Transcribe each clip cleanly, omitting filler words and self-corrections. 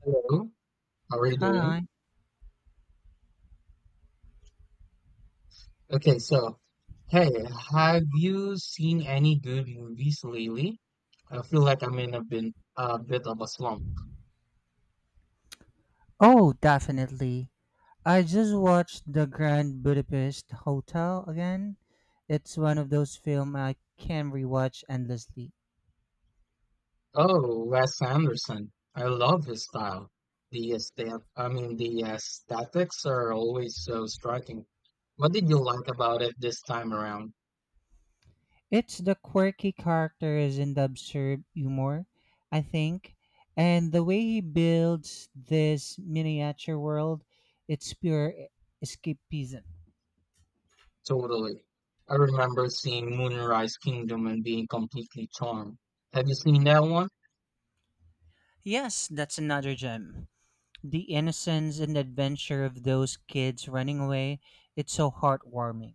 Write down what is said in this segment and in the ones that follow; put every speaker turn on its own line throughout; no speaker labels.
Hello, how are you doing?
Hi.
Okay, hey, have you seen any good movies lately? I feel like I'm in a bit of a slump.
Oh, definitely. I just watched The Grand Budapest Hotel again. It's one of those films I can rewatch endlessly.
Oh, Wes Anderson. I love his style. The aesthetics are always so striking. What did you like about it this time around?
It's the quirky characters and the absurd humor, I think, and the way he builds this miniature world, it's pure escapism.
Totally. I remember seeing Moonrise Kingdom and being completely charmed. Have you seen that one?
Yes, that's another gem. The innocence and adventure of those kids running away, it's so heartwarming.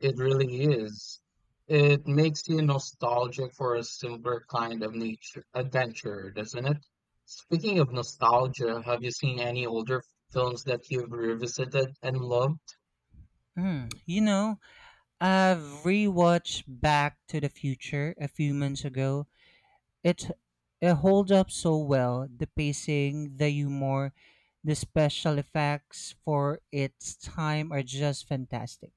It really is. It makes you nostalgic for a simpler kind of nature adventure, doesn't it? Speaking of nostalgia, have you seen any older films that you've revisited and loved?
Mm, I've rewatched Back to the Future a few months ago. It it holds up so well. The pacing, the humor, the special effects for its time are just fantastic.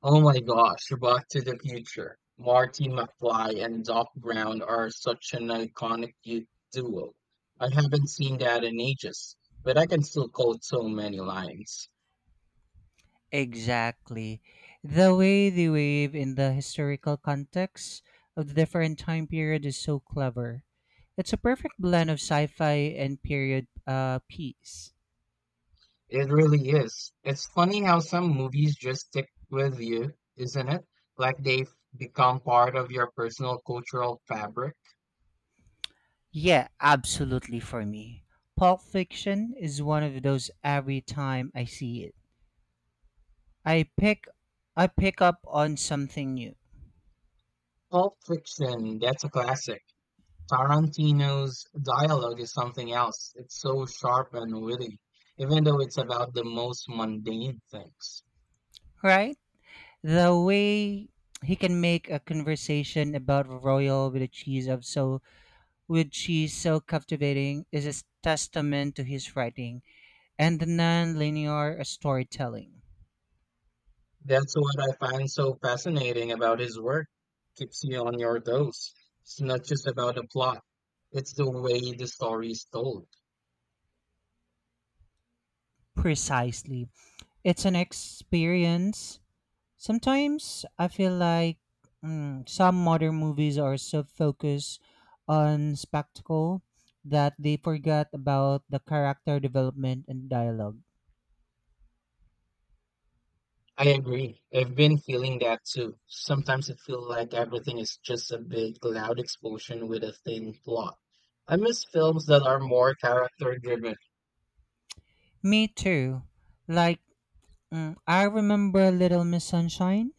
Oh my gosh, Back to the Future. Marty McFly and Doc Brown are such an iconic duo. I haven't seen that in ages, but I can still quote so many lines.
Exactly. The way they wave in the historical context of the different time period is so clever. It's a perfect blend of sci-fi and period piece.
It really is. It's funny how some movies just stick with you, isn't it? Like they've become part of your personal cultural fabric.
Yeah, absolutely for me. Pulp Fiction is one of those every time I see it. I pick I pick up on something new,
Pulp Fiction, that's a classic. Tarantino's dialogue is something else. It's so sharp and witty, even though it's about the most mundane things.
right? The way he can make a conversation about royal with a cheese of so with cheese so captivating is a testament to his writing and the non-linear storytelling.
That's what I find so fascinating about his work. Keeps you on your toes. It's not just about the plot, it's the way the story is told.
Precisely. It's an experience. Sometimes I feel like some modern movies are so focused on spectacle that they forgot about the character development and dialogue.
I agree. I've been feeling that too. Sometimes it feels like everything is just a big, loud explosion with a thin plot. I miss films that are more character driven.
Me too. Like, I remember Little Miss Sunshine.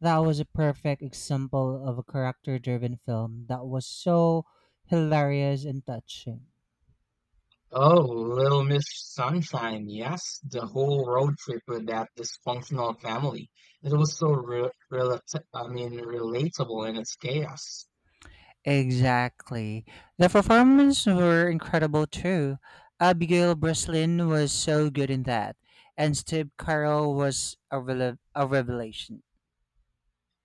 That was a perfect example of a character driven film that was so hilarious and touching.
Oh, Little Miss Sunshine, yes, the whole road trip with that dysfunctional family. It was so relatable in its chaos.
Exactly. The performances were incredible too. Abigail Breslin was so good in that, and Steve Carell was a revelation.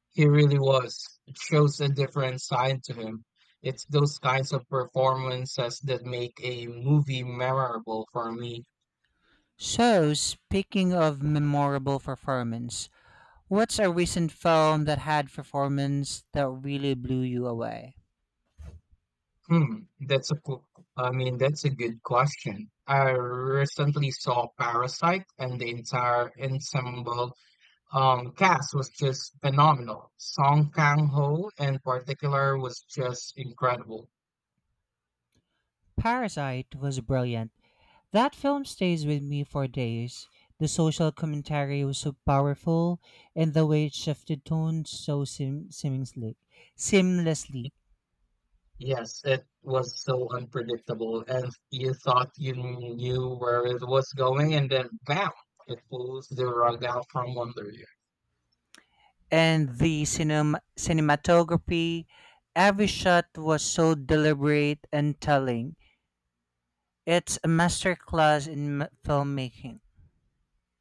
He really was. It shows a different side to him. It's those kinds of performances that make a movie memorable for me.
So, speaking of memorable performance, what's a recent film that had performance that really blew you away?
Hmm, that's a good question. I recently saw Parasite and the entire ensemble cast was just phenomenal. Song Kang-ho in particular was just incredible.
Parasite was brilliant. That film stays with me for days. The social commentary was so powerful, and the way it shifted tone so seamlessly.
Yes, it was so unpredictable and you thought you knew where it was going and then bam, it pulls the rug out from under you.
And the cinematography, every shot was so deliberate and telling. It's a masterclass in filmmaking.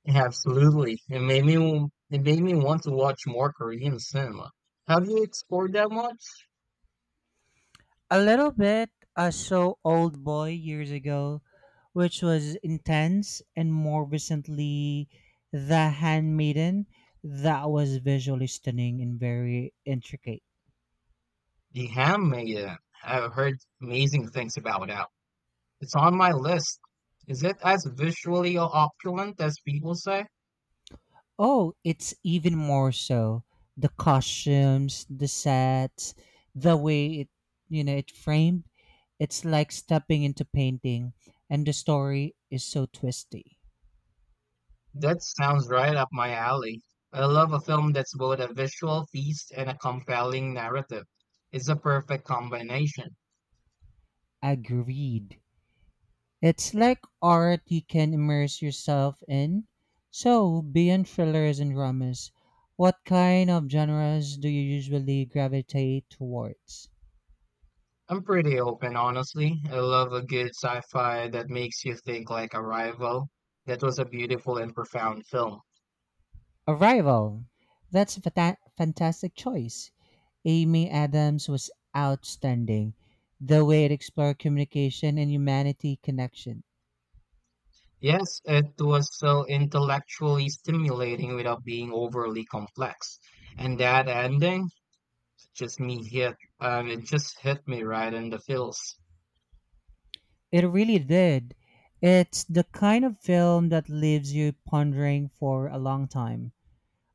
Absolutely. It made me want to watch more Korean cinema. Have you explored that much?
A little bit. I saw Old Boy years ago, which was intense, and more recently, The Handmaiden. That was visually stunning and very intricate.
The Handmaiden. I've heard amazing things about that. It's on my list. Is it as visually opulent as people say?
Oh, it's even more so. The costumes, the sets, the way it framed. It's like stepping into painting, and the story is so twisty.
That sounds right up my alley. I love a film that's both a visual feast and a compelling narrative. It's a perfect combination.
Agreed. It's like art you can immerse yourself in. So, beyond thrillers and dramas, what kind of genres do you usually gravitate towards?
I'm pretty open, honestly. I love a good sci-fi that makes you think like Arrival. That was a beautiful and profound film.
Arrival. That's a fantastic choice. Amy Adams was outstanding. The way it explored communication and humanity connection.
Yes, it was so intellectually stimulating without being overly complex. And that ending it just hit me right in the feels.
It really did. It's the kind of film that leaves you pondering for a long time.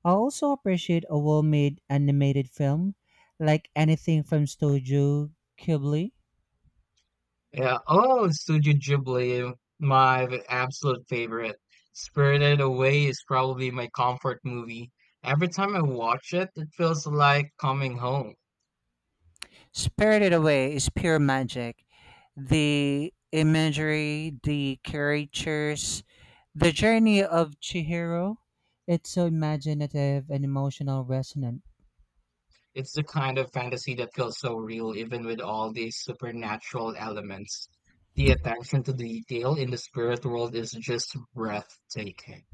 I also appreciate a well made animated film, like anything from Studio Ghibli.
Yeah. Oh, Studio Ghibli, my absolute favorite. Spirited Away is probably my comfort movie. Every time I watch it, it feels like coming home.
Spirited Away is pure magic. The imagery, the caricatures, the journey of Chihiro. It's so imaginative and emotional resonant.
It's the kind of fantasy that feels so real, even with all these supernatural elements. The attention to detail in the spirit world is just breathtaking.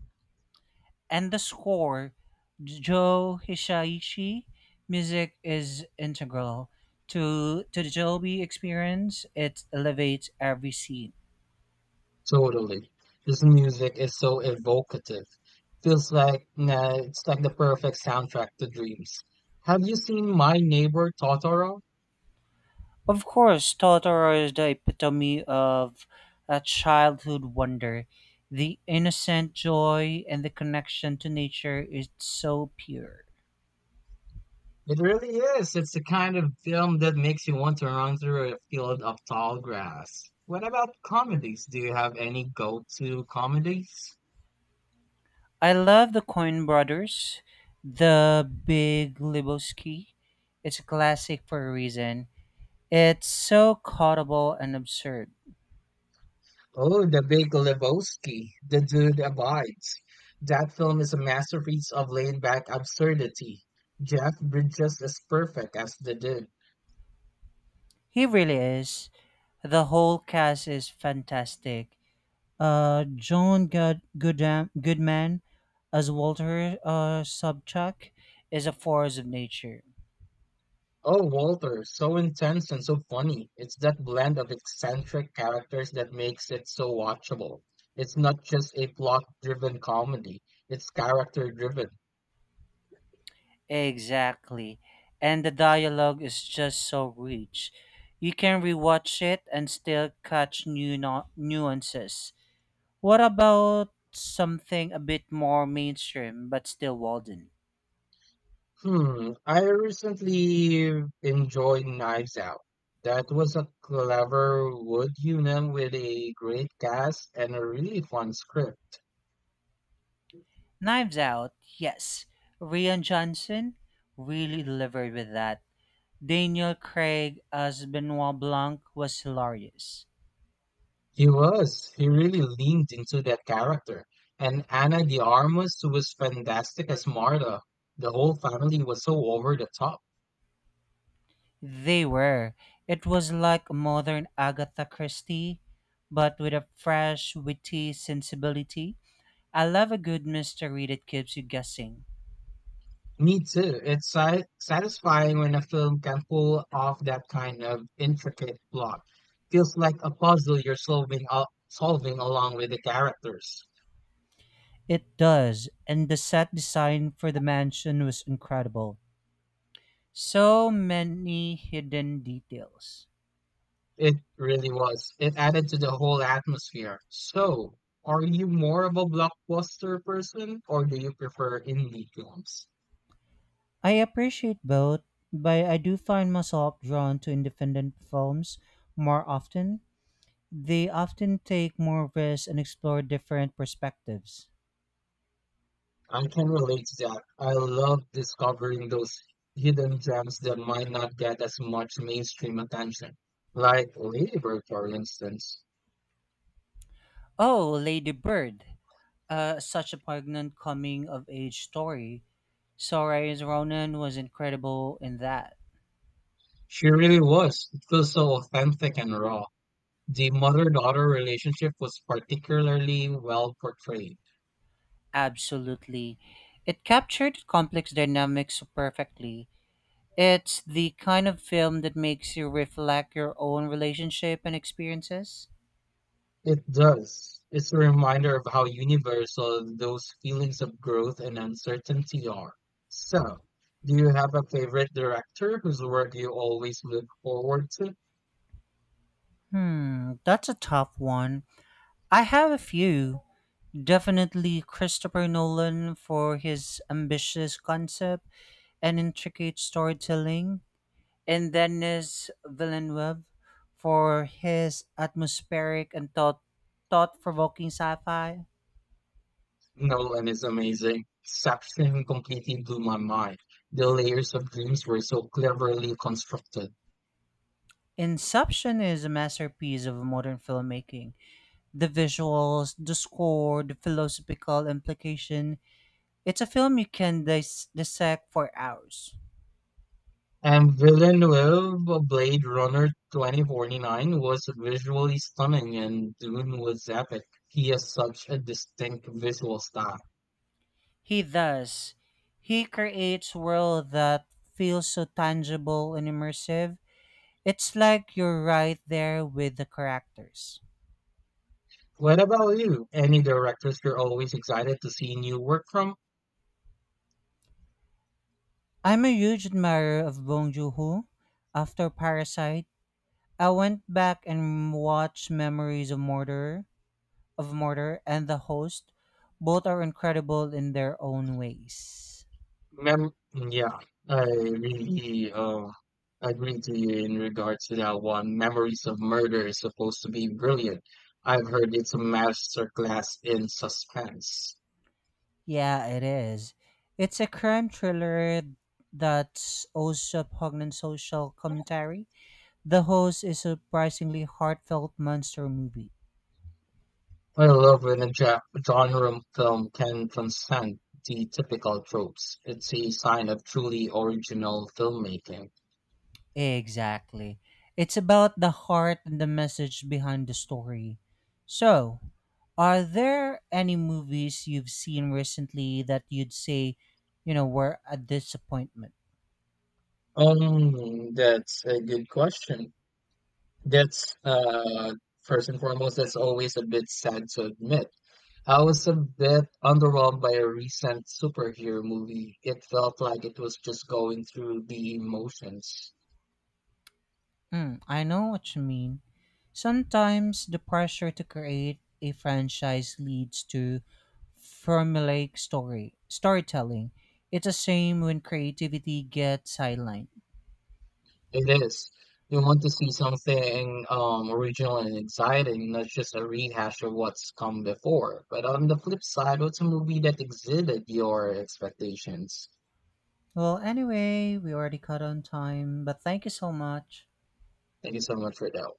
And the score, Joe Hisaishi music is integral to the Joby experience. It elevates every scene.
Totally. This music is so evocative. It's like the perfect soundtrack to dreams. Have you seen My Neighbor Totoro?
Of course, Totoro is the epitome of a childhood wonder. The innocent joy and the connection to nature is so pure.
It really is. It's the kind of film that makes you want to run through a field of tall grass. What about comedies? Do you have any go-to comedies?
I love the Coin Brothers, the Big Lebowski. It's a classic for a reason. It's so quotable and absurd.
Oh, The Big Lebowski, The Dude Abides. That film is a masterpiece of laid-back absurdity. Jeff Bridges is perfect as the dude.
He really is. The whole cast is fantastic. John Goodman as Walter Sobchak is a force of nature.
Oh, Walter, so intense and so funny. It's that blend of eccentric characters that makes it so watchable. It's not just a plot-driven comedy, it's character-driven.
Exactly. And the dialogue is just so rich. You can rewatch it and still catch new nuances. What about something a bit more mainstream but still Walden?
Hmm, I recently enjoyed Knives Out. That was a clever wood unit with a great cast and a really fun script.
Knives Out, yes. Rian Johnson really delivered with that. Daniel Craig as Benoit Blanc was hilarious.
He was. He really leaned into that character. And Anna de Armas was fantastic as Marta. The whole family was so over the top.
They were. It was like a modern Agatha Christie, but with a fresh, witty sensibility. I love a good mystery that keeps you guessing.
Me too. It's satisfying when a film can pull off that kind of intricate plot. Feels like a puzzle you're solving along with the characters.
It does, and the set design for the mansion was incredible. So many hidden details.
It really was. It added to the whole atmosphere. So, are you more of a blockbuster person or do you prefer indie films?
I appreciate both, but I do find myself drawn to independent films more often. They often take more risks and explore different perspectives.
I can relate to that. I love discovering those hidden gems that might not get as much mainstream attention. Like Ladybird, for instance.
Oh, Lady Bird, such a poignant coming of age story. Soraya's Ronan was incredible in that.
She really was. It feels so authentic and raw. The mother-daughter relationship was particularly well portrayed.
Absolutely. It captured complex dynamics so perfectly. It's the kind of film that makes you reflect your own relationship and experiences.
It does. It's a reminder of how universal those feelings of growth and uncertainty are. So, do you have a favorite director whose work you always look forward to?
Hmm, that's a tough one. I have a few. Definitely Christopher Nolan for his ambitious concept and intricate storytelling, and Denis Villeneuve for his atmospheric and thought provoking sci fi.
Nolan is amazing. Section completely blew my mind. The layers of dreams were so cleverly constructed.
Inception is a masterpiece of modern filmmaking. The visuals, the score, the philosophical implication. It's a film you can dissect for hours.
And Villeneuve Blade Runner 2049 was visually stunning and Dune was epic. He has such a distinct visual style.
He does. He creates world that feels so tangible and immersive. It's like you're right there with the characters.
What about you? Any directors you're always excited to see new work from?
I'm a huge admirer of Bong Joon-ho. After Parasite, I went back and watched of Murder and The Host. Both are incredible in their own ways.
Mem Yeah, I really agree to you in regards to that one. Memories of Murder is supposed to be brilliant. I've heard it's a masterclass in suspense.
Yeah, it is. It's a crime thriller that's also a poignant social commentary. The Host is a surprisingly heartfelt monster movie.
I love when a genre film can transcend the typical tropes. It's a sign of truly original filmmaking.
Exactly. It's about the heart and the message behind the story. So, are there any movies you've seen recently that you'd say, you know, were a disappointment?
That's a good question. That's First and foremost, that's always a bit sad to admit I was a bit underwhelmed by a recent superhero movie. It felt like it was just going through the motions.
Mm, I know what you mean. Sometimes the pressure to create a franchise leads to formulaic storytelling. It's the same when creativity gets sidelined.
It is. You want to see something original and exciting, not just a rehash of what's come before. But on the flip side, what's a movie that exceeded your expectations?
Well, anyway, we already cut on time, but thank you so much.
Thank you so much for that.